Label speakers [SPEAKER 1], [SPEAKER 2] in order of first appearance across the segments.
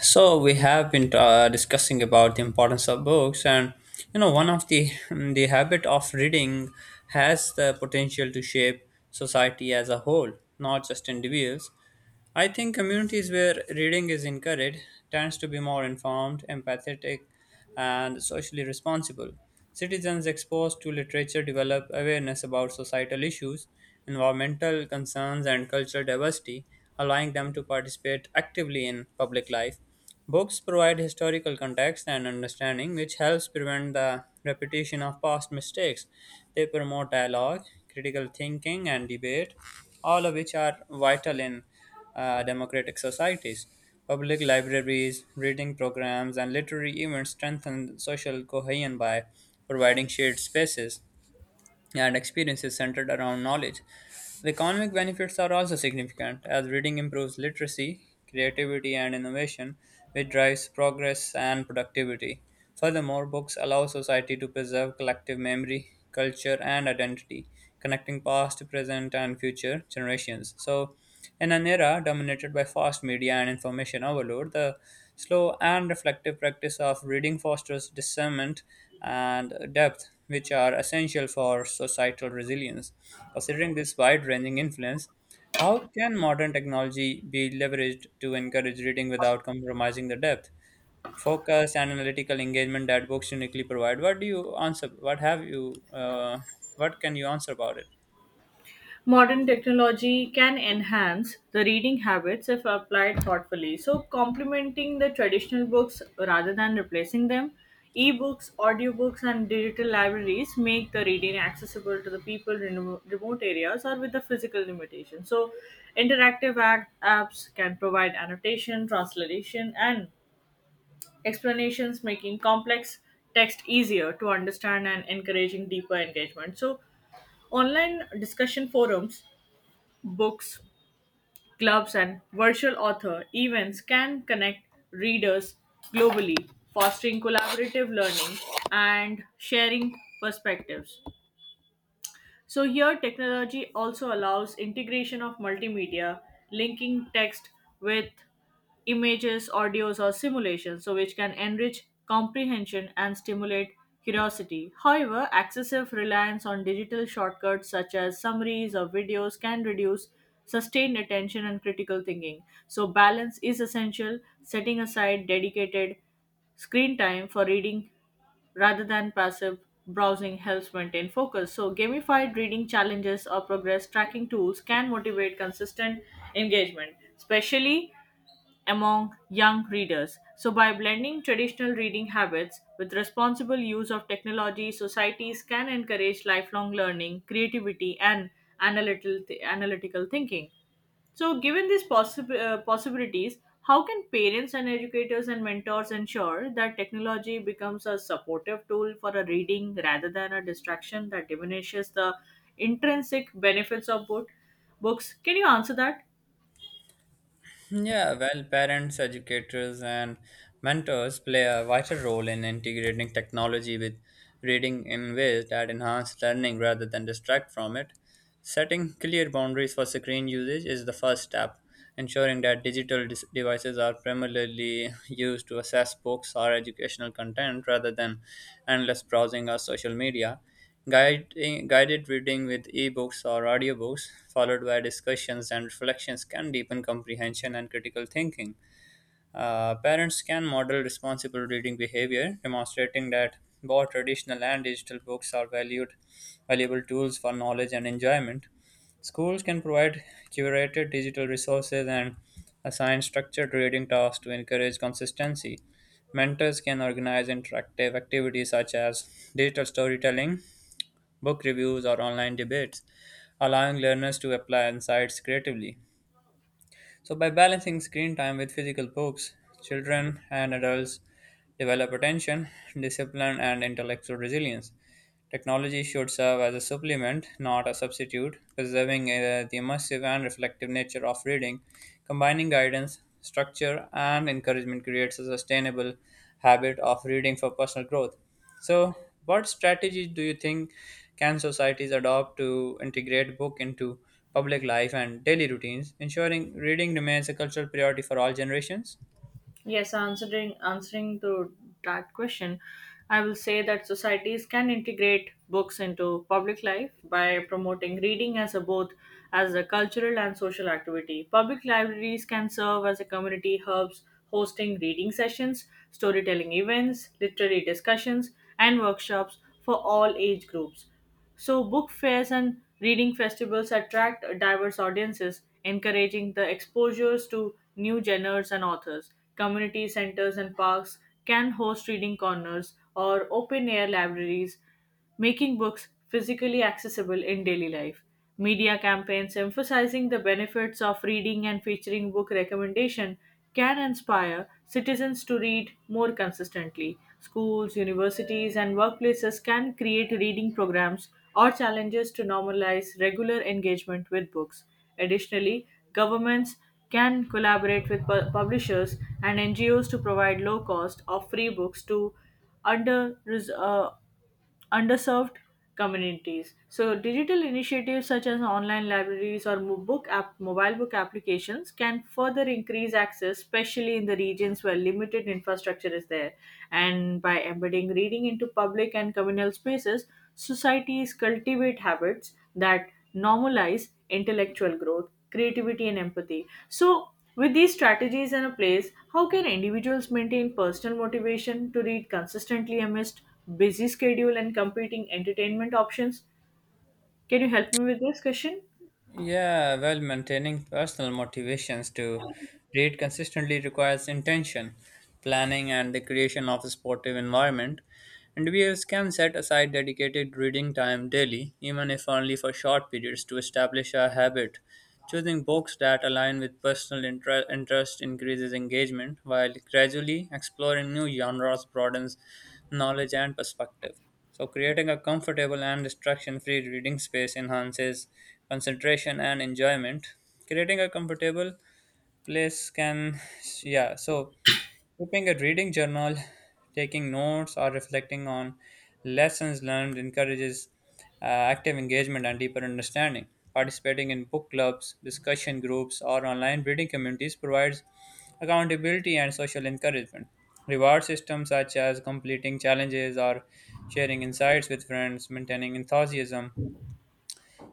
[SPEAKER 1] So we have been discussing about the importance of books, and one of the habit of reading has the potential to shape society as a whole, not just individuals. I think communities where reading is encouraged tends to be more informed, empathetic, and socially responsible. Citizens exposed to literature develop awareness about societal issues, environmental concerns, and cultural diversity, allowing them to participate actively in public life. Books provide historical context and understanding, which helps prevent the repetition of past mistakes. They promote dialogue, critical thinking, and debate, all of which are vital in democratic societies. Public libraries, reading programs, and literary events strengthen social cohesion by providing shared spaces and experiences centered around knowledge. The economic benefits are also significant, as reading improves literacy, creativity, and innovation, which drives progress and productivity. Furthermore, books allow society to preserve collective memory, culture, and identity, connecting past, present, and future generations. So, in an era dominated by fast media and information overload, the slow and reflective practice of reading fosters discernment and depth, which are essential for societal resilience. Considering this wide ranging influence, how can modern technology be leveraged to encourage reading without compromising the depth, focus, and analytical engagement that books uniquely provide? What do you answer? What have you? What can you answer about it?
[SPEAKER 2] Modern technology can enhance the reading habits if applied thoughtfully. So, complementing the traditional books rather than replacing them, ebooks, audiobooks, and digital libraries make the reading accessible to the people in remote areas or with the physical limitations. So, interactive apps can provide annotation, translation, and explanations, making complex text easier to understand and encouraging deeper engagement. So, online discussion forums Books, clubs, and virtual author events can connect readers globally, fostering collaborative learning and sharing perspectives. So, here technology also allows integration of multimedia, linking text with images, audios, or simulations, so which can enrich comprehension and stimulate curiosity. However, excessive reliance on digital shortcuts such as summaries or videos can reduce sustained attention and critical thinking. So, balance is essential, setting aside dedicated screen time for reading rather than passive browsing helps maintain focus. So, gamified reading challenges or progress tracking tools can motivate consistent engagement, especially among young readers. So, by blending traditional reading habits with responsible use of technology, societies can encourage lifelong learning, creativity, and analytical thinking. So, given these possibilities, how can parents and educators and mentors ensure that technology becomes a supportive tool for a reading rather than a distraction that diminishes the intrinsic benefits of books? Can you answer that?
[SPEAKER 1] Yeah, well, parents, educators, and mentors play a vital role in integrating technology with reading in ways that enhance learning rather than distract from it. Setting clear boundaries for screen usage is the first step, ensuring that devices are primarily used to access books or educational content rather than endless browsing or social media. Guided reading with ebooks or audiobooks, followed by discussions and reflections, can deepen comprehension and critical thinking. Parents can model responsible reading behavior, demonstrating that both traditional and digital books are valued valuable tools for knowledge and enjoyment. Schools can provide curated digital resources and assign structured reading tasks to encourage consistency. Mentors can organize interactive activities such as digital storytelling, book reviews, or online debates, allowing learners to apply insights creatively. So, by balancing screen time with physical books, children and adults develop attention, discipline, and intellectual resilience. Technology should serve as a supplement, not a substitute, preserving the immersive and reflective nature of reading. Combining guidance, structure, and encouragement creates a sustainable habit of reading for personal growth. So, what strategies do you think can societies adopt to integrate book into public life and daily routines, ensuring reading remains a cultural priority for all generations?
[SPEAKER 2] Yes, answering to that question, I will say that societies can integrate books into public life by promoting reading as a both as a cultural and social activity. Public libraries can serve as a community hubs hosting reading sessions, storytelling events, literary discussions, and workshops for all age groups. So, book fairs and reading festivals attract diverse audiences, encouraging the exposures to new genres and authors. Community centers and parks can host reading corners or open air libraries, making books physically accessible in daily life. Media campaigns emphasizing the benefits of reading and featuring book recommendation can inspire citizens to read more consistently. Schools, universities, and workplaces can create reading programs or challenges to normalize regular engagement with books. Additionally, governments can collaborate with publishers and NGOs to provide low cost of free books to under uh, underserved communities. So, digital initiatives such as online libraries or mobile book applications can further increase access, especially in the regions where limited infrastructure is there. And by embedding reading into public and communal spaces, societies cultivate habits that normalize intellectual growth, creativity, and empathy. So, with these strategies in place, how can individuals maintain personal motivation to read consistently amidst busy schedule and competing entertainment options? Can you help me with this question?
[SPEAKER 1] Yeah, well, maintaining personal motivations to read consistently requires intention, planning, and the creation of a supportive environment. And Individuals can set aside dedicated reading time daily, even if only for short periods, to establish a habit. Choosing books that align with interest increases engagement, while gradually exploring new genres broadens knowledge, and perspective. So, creating a comfortable and distraction free reading space enhances concentration and enjoyment. Creating a comfortable place can, yeah, so Keeping a reading journal, taking notes, or reflecting on lessons learned encourages active engagement and deeper understanding. Participating in book clubs, discussion groups, or online reading communities provides accountability and social encouragement. Reward systems such as completing challenges or sharing insights with friends, maintaining enthusiasm,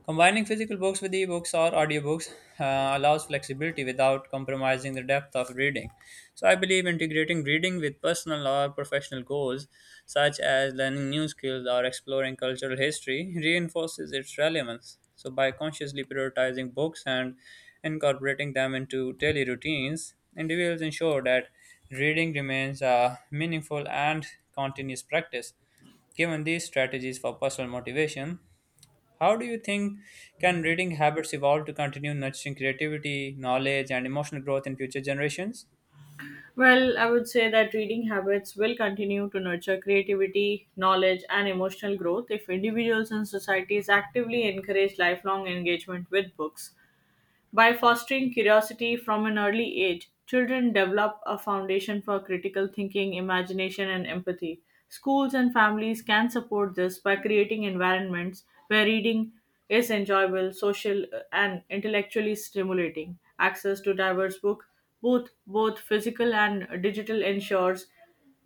[SPEAKER 1] Combining physical books with ebooks or audiobooks allows flexibility without compromising the depth of reading. So, I believe integrating reading with personal or professional goals, such as learning new skills or exploring cultural history, reinforces its relevance. So, by consciously prioritizing books and incorporating them into daily routines, individuals ensure that reading remains a meaningful and continuous practice. Given these strategies for personal motivation, how do you think can reading habits evolve to continue nurturing creativity, knowledge, and emotional growth in future generations?
[SPEAKER 2] Well, I would say that reading habits will continue to nurture creativity, knowledge, and emotional growth if individuals and societies actively encourage lifelong engagement with books. By fostering curiosity from an early age, children develop a foundation for critical thinking, imagination, and empathy. Schools and families can support this by creating environments where reading is enjoyable, social, and intellectually stimulating. Access to diverse book, both physical and digital, ensures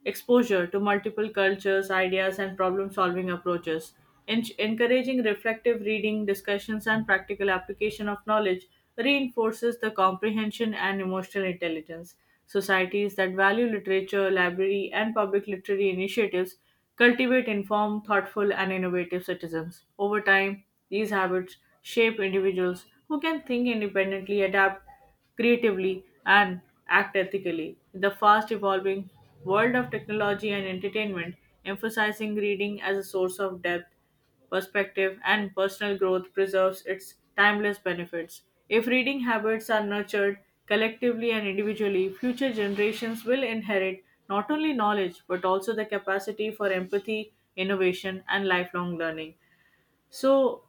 [SPEAKER 2] exposure to multiple cultures, ideas, and problem solving approaches, encouraging reflective reading, discussions, and practical application of knowledge reinforces the comprehension and emotional intelligence. Societies that value literature, library, and public literary initiatives cultivate informed, thoughtful, and innovative citizens. Over time, these habits shape individuals who can think independently, adapt creatively, and act ethically. In the fast evolving world of technology and entertainment, emphasizing reading as a source of depth, perspective, and personal growth preserves its timeless benefits. If reading habits are nurtured collectively and individually, future generations will inherit not only knowledge but also the capacity for empathy, innovation, and lifelong learning. So,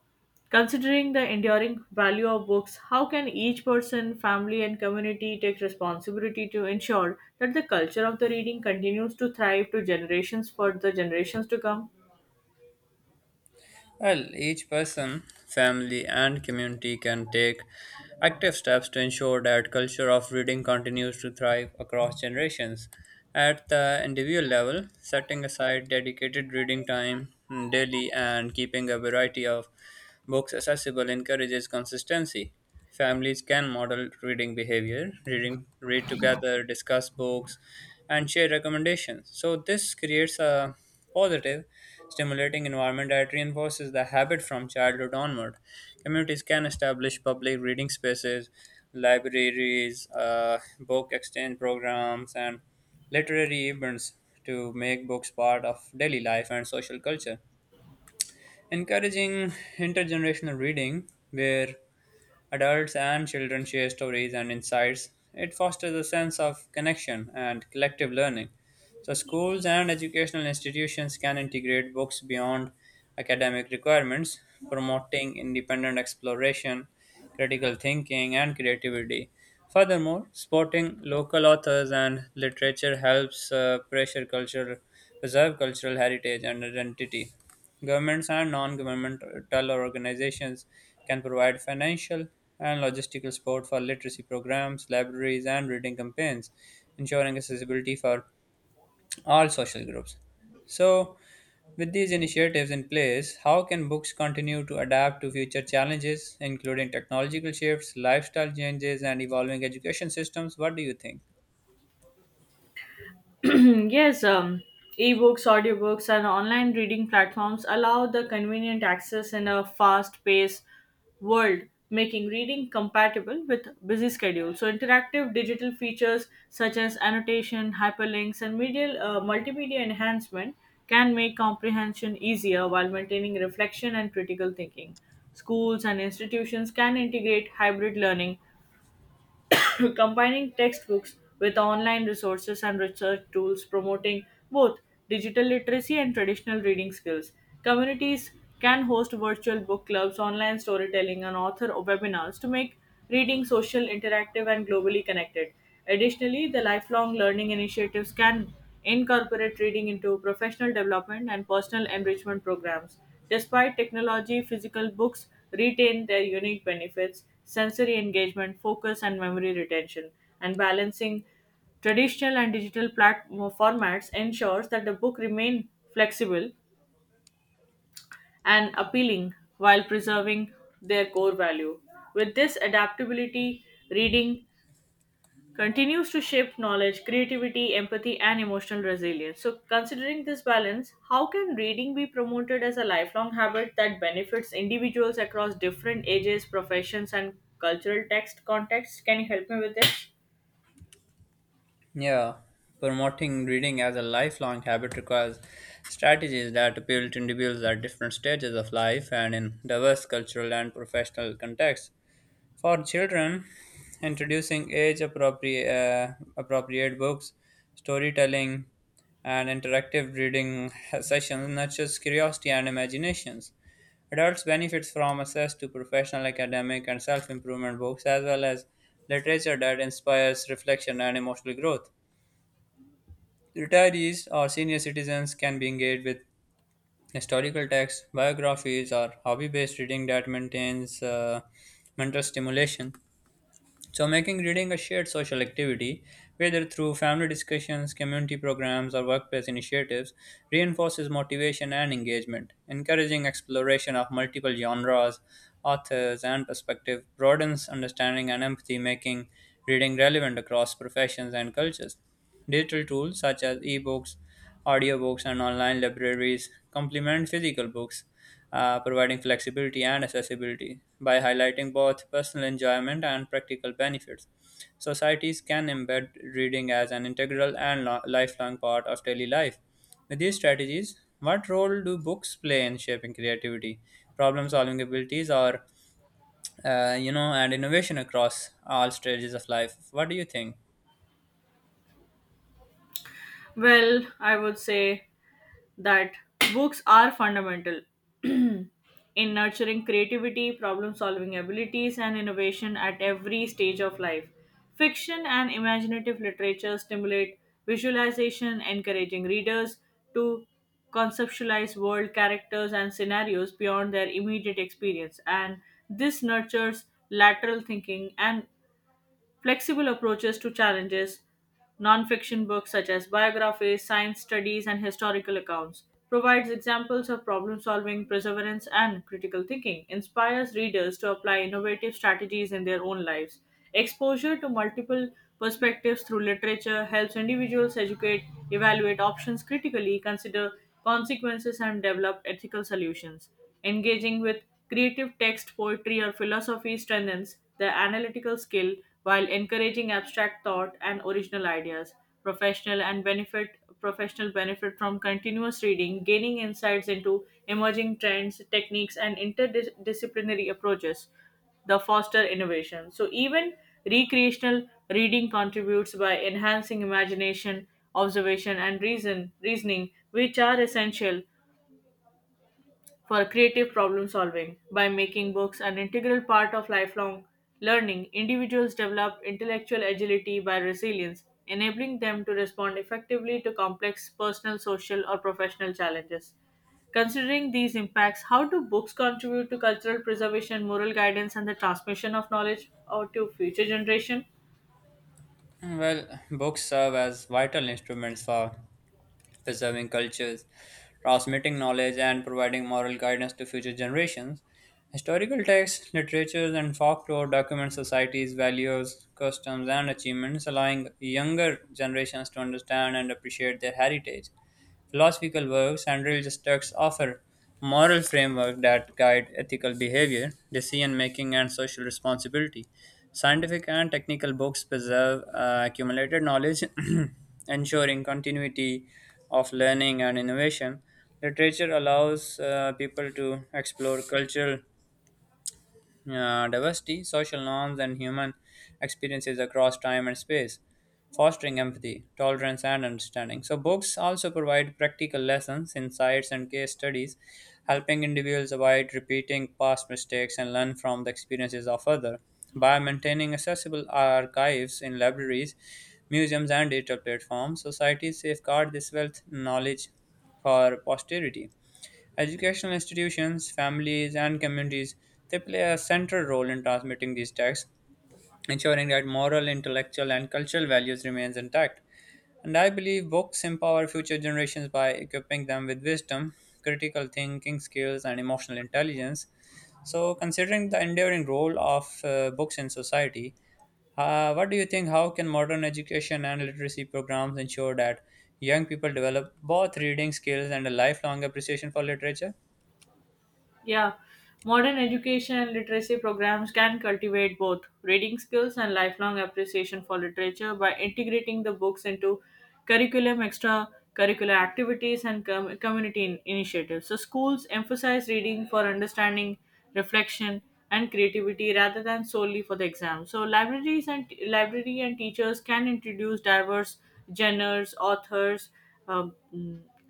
[SPEAKER 2] considering the enduring value of books, how can each person, family, and community take responsibility to ensure that the culture of the reading continues to thrive to generations for the generations to come?
[SPEAKER 1] Well, each person, family, and community can take active steps to ensure that culture of reading continues to thrive across generations. At the individual level, setting aside dedicated reading time daily and keeping a variety of books accessible encourages consistency. Families can model reading behavior, reading, read together, discuss books, and share recommendations. So this creates a positive stimulating environment that reinforces the habit from childhood onward. Communities can establish public reading spaces, libraries, book exchange programs, and literary events to make books part of daily life and social culture. Encouraging intergenerational reading, where adults and children share stories and insights, it fosters a sense of connection and collective learning. So, schools and educational institutions can integrate books beyond academic requirements, promoting independent exploration, critical thinking, and creativity. Furthermore, supporting local authors and literature preserve cultural heritage and identity. Governments and non governmental organizations can provide financial and logistical support for literacy programs, libraries, and reading campaigns, ensuring accessibility for all social groups. So, with these initiatives in place, how can books continue to adapt to future challenges, including technological shifts, lifestyle changes, and evolving education systems? What do you think?
[SPEAKER 2] Yes, ebooks, audiobooks, and online reading platforms allow the convenient access in a fast paced world, making reading compatible with busy schedules. So, interactive digital features such as annotation, hyperlinks, and multimedia enhancement can make comprehension easier while maintaining reflection and critical thinking. Schools and institutions can integrate hybrid learning combining textbooks with online resources and research tools promoting both digital literacy and traditional reading skills. Communities can host virtual book clubs, online storytelling, and author webinars to make reading social, interactive, and globally connected. Additionally, the lifelong learning initiatives can incorporate reading into professional development and personal enrichment programs. Despite technology, physical books retain their unique benefits, sensory engagement, focus, and memory retention. And balancing traditional and digital platform formats ensures that the book remain flexible and appealing while preserving their core value. With this adaptability, reading continues to shape knowledge, creativity, empathy, and emotional resilience. So, considering this balance, how can reading be promoted as a lifelong habit that benefits individuals across different ages, professions, and cultural text contexts? Can you help me with this?
[SPEAKER 1] Yeah, promoting reading as a lifelong habit requires strategies that appeal to individuals at different stages of life and in diverse cultural and professional contexts. For children, introducing appropriate books, storytelling, and interactive reading sessions nurtures curiosity and imaginations. Adults benefits from access to professional, academic, and self-improvement books, as well as literature that inspires reflection and emotional growth. Retirees or senior citizens can be engaged with historical texts, biographies, or hobby-based reading that maintains mental stimulation. So, making reading a shared social activity, whether through family discussions, community programs, or workplace initiatives, reinforces motivation and engagement. Encouraging exploration of multiple genres, authors, and perspective broadens understanding and empathy, making reading relevant across professions and cultures. Digital tools such as ebooks, audiobooks, and online libraries complement physical books, providing flexibility and accessibility. By highlighting both personal enjoyment and practical benefits, societies can embed reading as an lifelong part of daily life. With these strategies, what role do books play in shaping creativity, problem solving abilities, or and innovation across all stages of life? What do you think?
[SPEAKER 2] Well, I would say that books are fundamental in nurturing creativity, problem solving abilities, and innovation at every stage of life. Fiction and imaginative literature stimulate visualization, encouraging readers to conceptualize world characters and scenarios beyond their immediate experience, and this nurtures lateral thinking and Flexible approaches to challenges, nonfiction books such as biographies, science studies, and historical accounts, provides examples of problem solving, perseverance, and critical thinking, inspires readers to apply innovative strategies in their own lives. Exposure to multiple perspectives through literature helps individuals educate, evaluate options critically, consider consequences, and develop ethical solutions. Engaging with Creative text, poetry, or philosophy strengthens the analytical skill while encouraging abstract thought and original ideas. Professional and benefit Professional benefit from continuous reading, gaining insights into emerging trends, techniques, and interdisciplinary approaches the foster innovation. So even recreational reading contributes by enhancing imagination, observation, and reasoning, which are essential for creative problem solving. By making books an integral part of lifelong learning, individuals develop intellectual agility by resilience, enabling them to respond effectively to complex personal, social, or professional challenges. Considering these impacts, how do books contribute to cultural preservation, moral guidance, and the transmission of knowledge or to future generation?
[SPEAKER 1] Well, books serve as vital instruments for preserving cultures, transmitting knowledge, and providing moral guidance to future generations. Historical texts, literatures, and folklore document society's values, customs, and achievements, allowing younger generations to understand and appreciate their heritage. Philosophical works and religious texts offer moral framework that guide ethical behavior, decision making, and social responsibility. Scientific and technical books preserve accumulated knowledge, ensuring continuity of learning and innovation. Literature allows people to explore cultural diversity, social norms, and human experiences across time and space, fostering empathy, tolerance, and understanding. So, books also provide practical lessons, insights, and case studies, helping individuals avoid repeating past mistakes and learn from the experiences of others. By maintaining accessible archives in libraries, museums, and digital platforms, societies safeguard this wealth knowledge for posterity. Educational institutions, families, and communities they play a central role in transmitting these texts, ensuring that moral, intellectual, and cultural values remains intact. And I believe books empower future generations by equipping them with wisdom, critical thinking skills, and emotional intelligence. So, considering the enduring role of books in society, what do you think? How can modern education and literacy programs ensure that young people develop both reading skills and a lifelong appreciation for literature?
[SPEAKER 2] Yeah, modern education and literacy programs can cultivate both reading skills and lifelong appreciation for literature by integrating the books into curriculum, extracurricular activities, and initiatives. So, schools emphasize reading for understanding, reflection, and creativity rather than solely for the exam. So, libraries and library and teachers can introduce diverse genres, authors, um,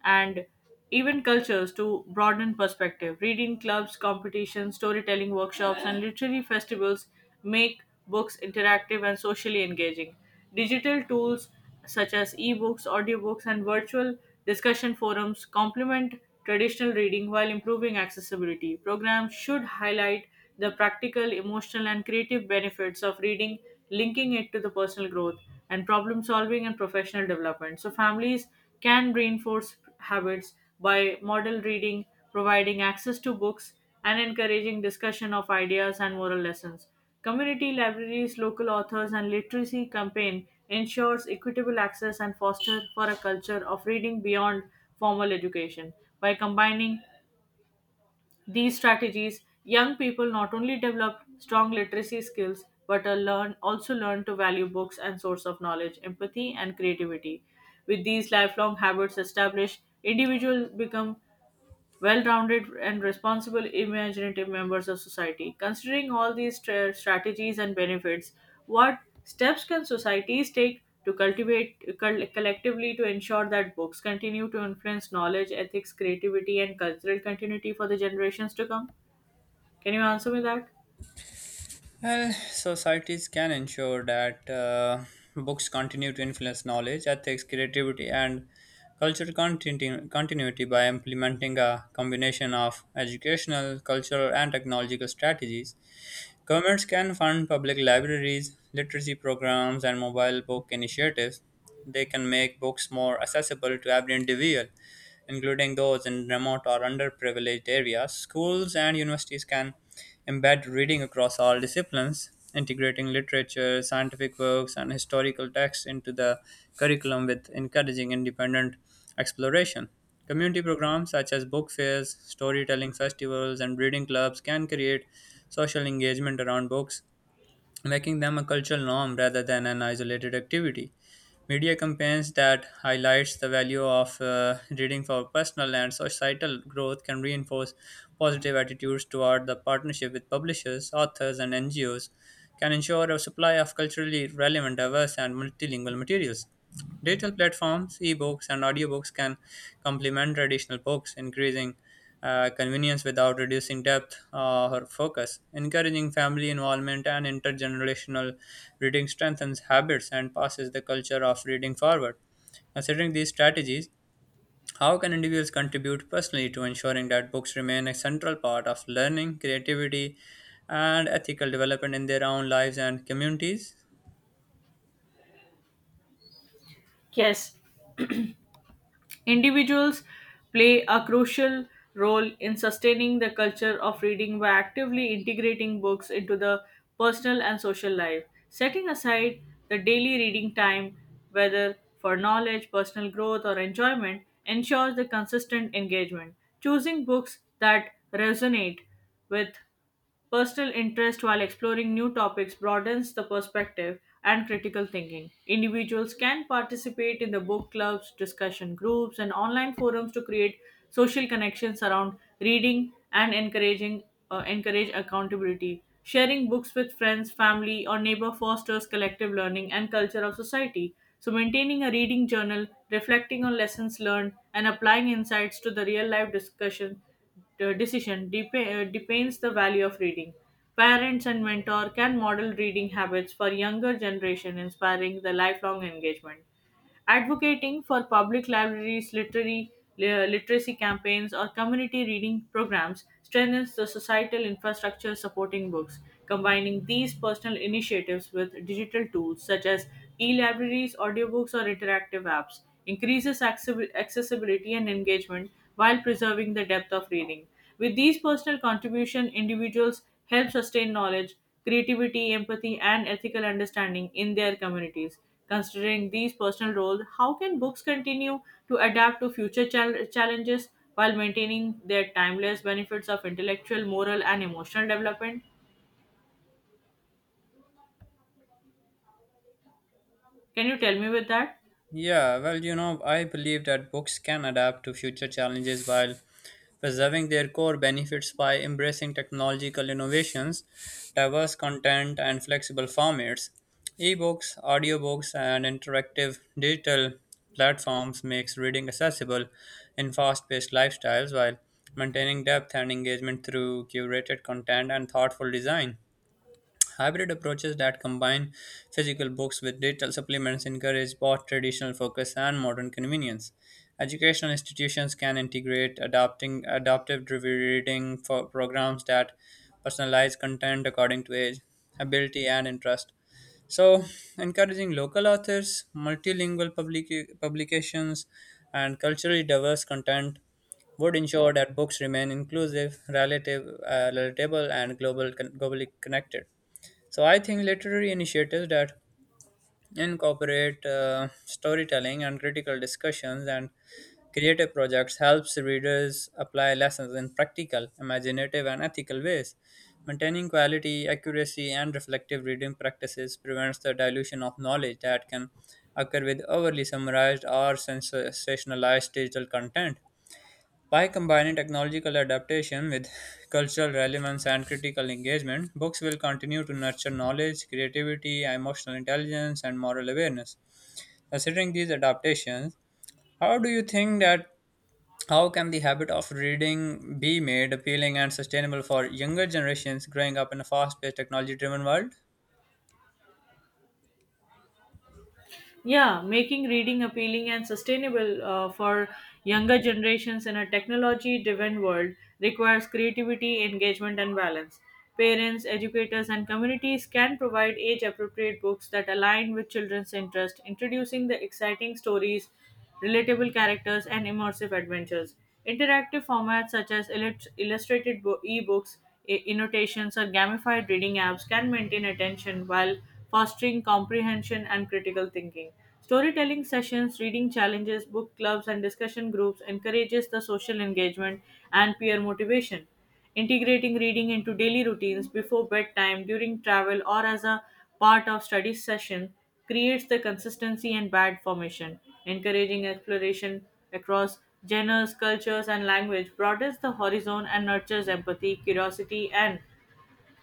[SPEAKER 2] and event cultures to broaden perspective. Reading clubs, competitions, storytelling workshops, and literary festivals make books interactive and socially engaging. Digital tools such as ebooks, audiobooks, and virtual discussion forums complement traditional reading while improving accessibility. Programs should highlight the practical, emotional, and creative benefits of reading, linking it to the personal growth and problem solving and professional development. So, families can reinforce habits by model reading, providing access to books, and encouraging discussion of ideas and moral lessons. Community libraries, local authors, and literacy campaign ensures equitable access and foster for a culture of reading beyond formal education by combining these strategies, young people not only develop strong literacy skills but are learn, also learn to value books and source of knowledge, empathy, and creativity. With these lifelong habits established, individuals become well rounded and responsible, imaginative members of society. Considering all these strategies and benefits, what steps can societies take to cultivate collectively to ensure that books continue to influence knowledge, ethics, creativity, and cultural continuity for the generations to come? Can you answer me that?
[SPEAKER 1] Well, societies can ensure that books continue to influence knowledge, ethics, creativity, and continuity by implementing a combination of educational, cultural, and technological strategies. Governments can fund public libraries, literacy programs, and mobile book initiatives. They can make books more accessible to every individual including those in remote or underprivileged areas. Schools and universities can embed reading across all disciplines, integrating literature, scientific works, and historical texts into the curriculum with encouraging independent exploration. Community programs such as book fairs, storytelling festivals, and reading clubs can create social engagement around books, making them a cultural norm rather than an isolated activity media campaigns that highlights the value of reading for personal and societal growth can reinforce positive attitudes toward the partnership with publishers authors and ngos can ensure a supply of culturally relevant diverse and multilingual materials digital platforms ebooks and audiobooks can complement traditional books increasing convenience without reducing depth or focus. Encouraging family involvement and intergenerational reading strengthens habits and passes the culture of reading forward. Considering these strategies, how can individuals contribute personally to ensuring that books remain a central part of learning, creativity, and ethical development in their own lives and communities?
[SPEAKER 2] Yes. Individuals play a crucial role in sustaining the culture of reading by actively integrating books into the personal and social life, setting aside the daily reading time, whether for knowledge, personal growth, or enjoyment, ensures the consistent engagement. Choosing books that resonate with Personal interest while exploring new topics broadens the perspective and critical thinking. Individuals can participate in the book clubs, discussion groups, and online forums to create social connections around reading and encouraging encourage accountability. Sharing books with friends, family, or neighbor fosters collective learning and culture of society. So, maintaining a reading journal, reflecting on lessons learned, and applying insights to the real life discussion depends the value of reading. Parents and mentor can model reading habits for younger generation, inspiring the lifelong engagement. Advocating for public libraries, literacy campaigns, or community reading programs strengthens the societal infrastructure supporting books. Combining these personal initiatives with digital tools such as e-libraries, audiobooks, or interactive apps increases accessibility and engagement while preserving the depth of reading. With these personal contribution, individuals help sustain knowledge, creativity, empathy, and ethical understanding in their communities. Considering these personal roles, how can books continue to adapt to future challenges while maintaining their timeless benefits of intellectual, moral, and emotional development? Can you tell me with that?
[SPEAKER 1] Yeah, well, you know, I believe that books can adapt to future challenges while preserving their core benefits by embracing technological innovations, diverse content, and flexible formats. Ebooks, audiobooks, and interactive digital platforms makes reading accessible in fast-paced lifestyles while maintaining depth and engagement through curated content and thoughtful design. Hybrid approaches that combine physical books with digital supplements encourage both traditional focus and modern convenience. Educational institutions can integrate adapting adaptive reading for programs that personalize content according to age, ability, and interest. So, encouraging local authors, publications, and culturally diverse content would ensure that books remain relatable, and globally connected. So I think literary initiatives that incorporate storytelling and critical discussions and creative projects helps readers apply lessons in practical, imaginative, and ethical ways. Maintaining quality, accuracy, and reflective reading practices prevents the dilution of knowledge that can occur with overly summarized or sensationalized digital content. By combining technological adaptation with cultural relevance and critical engagement, books will continue to nurture knowledge, creativity, emotional intelligence, and moral awareness. Considering these adaptations, how do you think that how can the habit of reading be made appealing and sustainable for younger generations growing up in a fast-paced, technology-driven world?
[SPEAKER 2] Yeah, making reading appealing and sustainable for younger generations in a technology driven world requires creativity, engagement, and balance. Parents, educators, and communities can provide age appropriate books that align with children's interest, introducing the exciting stories relatable characters, and immersive adventures. Interactive formats such as illustrated e-books, annotations, or gamified reading apps can maintain attention while fostering comprehension and critical thinking. Storytelling sessions, reading challenges, book clubs, and discussion groups encourages the social engagement and peer motivation. Integrating reading into daily routines before bedtime, during travel, or as a part of study session creates the consistency and bad formation. Encouraging exploration across genres, cultures, and language broadens the horizon and nurtures empathy, curiosity, and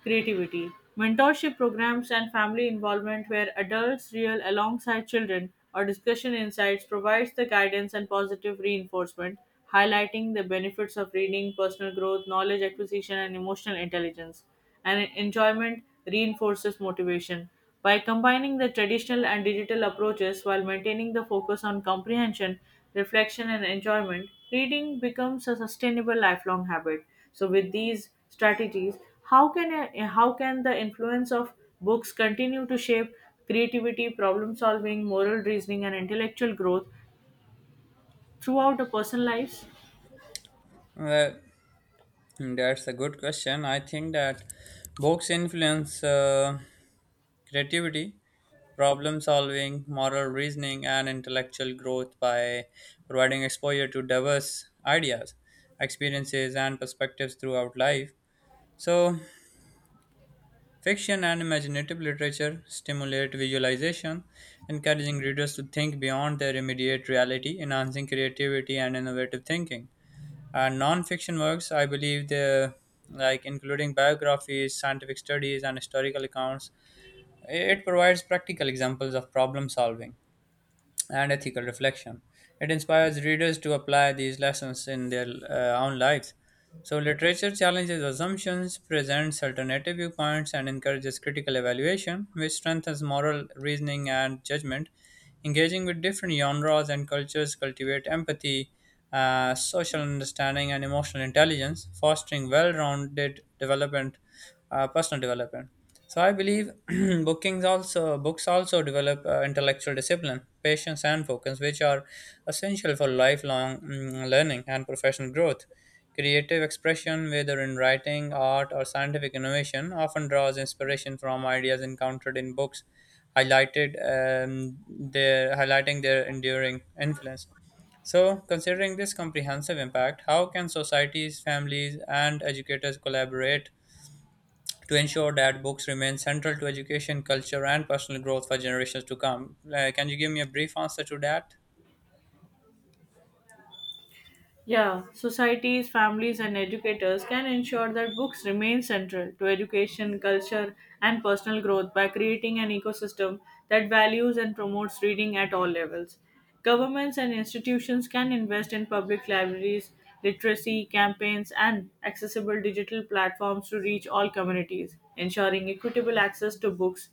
[SPEAKER 2] creativity. Mentorship programs and family involvement where adults real alongside children or discussion insights provides the guidance and positive reinforcement, highlighting the benefits of reading, personal growth, knowledge acquisition and emotional intelligence. And enjoyment reinforces motivation. By combining the traditional and digital approaches while maintaining the focus on comprehension, reflection, and enjoyment, reading becomes a sustainable lifelong habit. So, with these strategies how can the influence of books continue to shape creativity problem solving moral reasoning and intellectual growth throughout a person's life?
[SPEAKER 1] Well, that's a good question. I think that books influence creativity problem solving, moral reasoning, and intellectual growth by providing exposure to diverse ideas, experiences, and perspectives throughout life. So, fiction and imaginative literature stimulate visualization, encouraging readers to think beyond their immediate reality, enhancing creativity and innovative thinking. And non-fiction works, I believe, the like including biographies, scientific studies, and historical accounts, it provides practical examples of problem solving and ethical reflection. It inspires readers to apply these lessons in their own lives. So, literature challenges assumptions, presents alternative viewpoints, and encourages critical evaluation, which strengthens moral reasoning and judgment. Engaging with different genres and cultures cultivate empathy, social understanding, and emotional intelligence, fostering well-rounded development, personal development. So I believe bookings also books also develop intellectual discipline, patience, and focus, which are essential for lifelong learning and professional growth. Creative expression, whether in writing, art, or scientific innovation, often draws inspiration from ideas encountered in books, highlighted their highlighting their enduring influence. So, considering this comprehensive impact, how can societies, families, and educators collaborate to ensure that books remain central to education, culture, and personal growth for generations to come. Can you give me a brief answer to that?
[SPEAKER 2] Yeah, societies, families, and educators can ensure that books remain central to education, culture, and personal growth by creating an ecosystem that values and promotes reading at all levels. Governments and institutions can invest in public libraries, literacy campaigns, and accessible digital platforms to reach all communities, ensuring equitable access to books.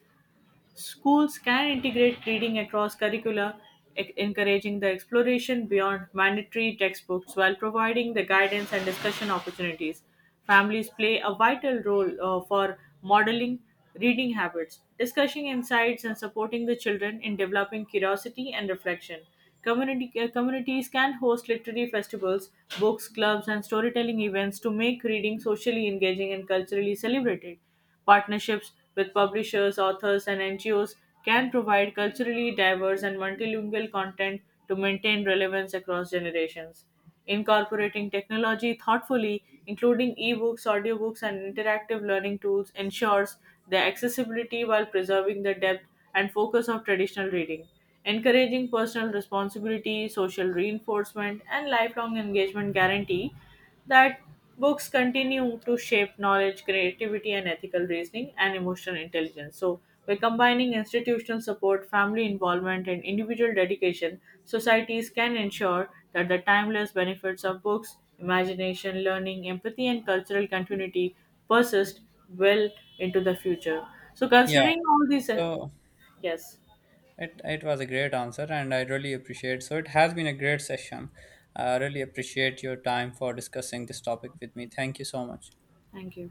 [SPEAKER 2] Schools can integrate reading across curricula, encouraging the exploration beyond mandatory textbooks while providing the guidance and discussion opportunities. Families play a vital role for modeling reading habits, discussing insights, and supporting the children in developing curiosity and reflection. Communities can host literary festivals, books clubs, and storytelling events to make reading socially engaging and culturally celebrated. Partnerships with publishers, authors, and NGOs can provide culturally diverse and multilingual content to maintain relevance across generations. Incorporating technology thoughtfully, including ebooks, audiobooks, and interactive learning tools, ensures their accessibility while preserving the depth and focus of traditional reading. Encouraging personal responsibility, social reinforcement, and lifelong engagement guarantee that books continue to shape knowledge, creativity, and ethical reasoning and emotional intelligence. So, by combining institutional support, family involvement, and individual dedication, societies can ensure that the timeless benefits of books, imagination, learning, empathy, and cultural continuity persist well into the future. So,
[SPEAKER 1] Yeah.
[SPEAKER 2] considering all these,
[SPEAKER 1] So
[SPEAKER 2] yes,
[SPEAKER 1] it was a great answer, and I really appreciate. So it has been a great session. I really appreciate your time for discussing this topic with me. Thank you so much.
[SPEAKER 2] thank you.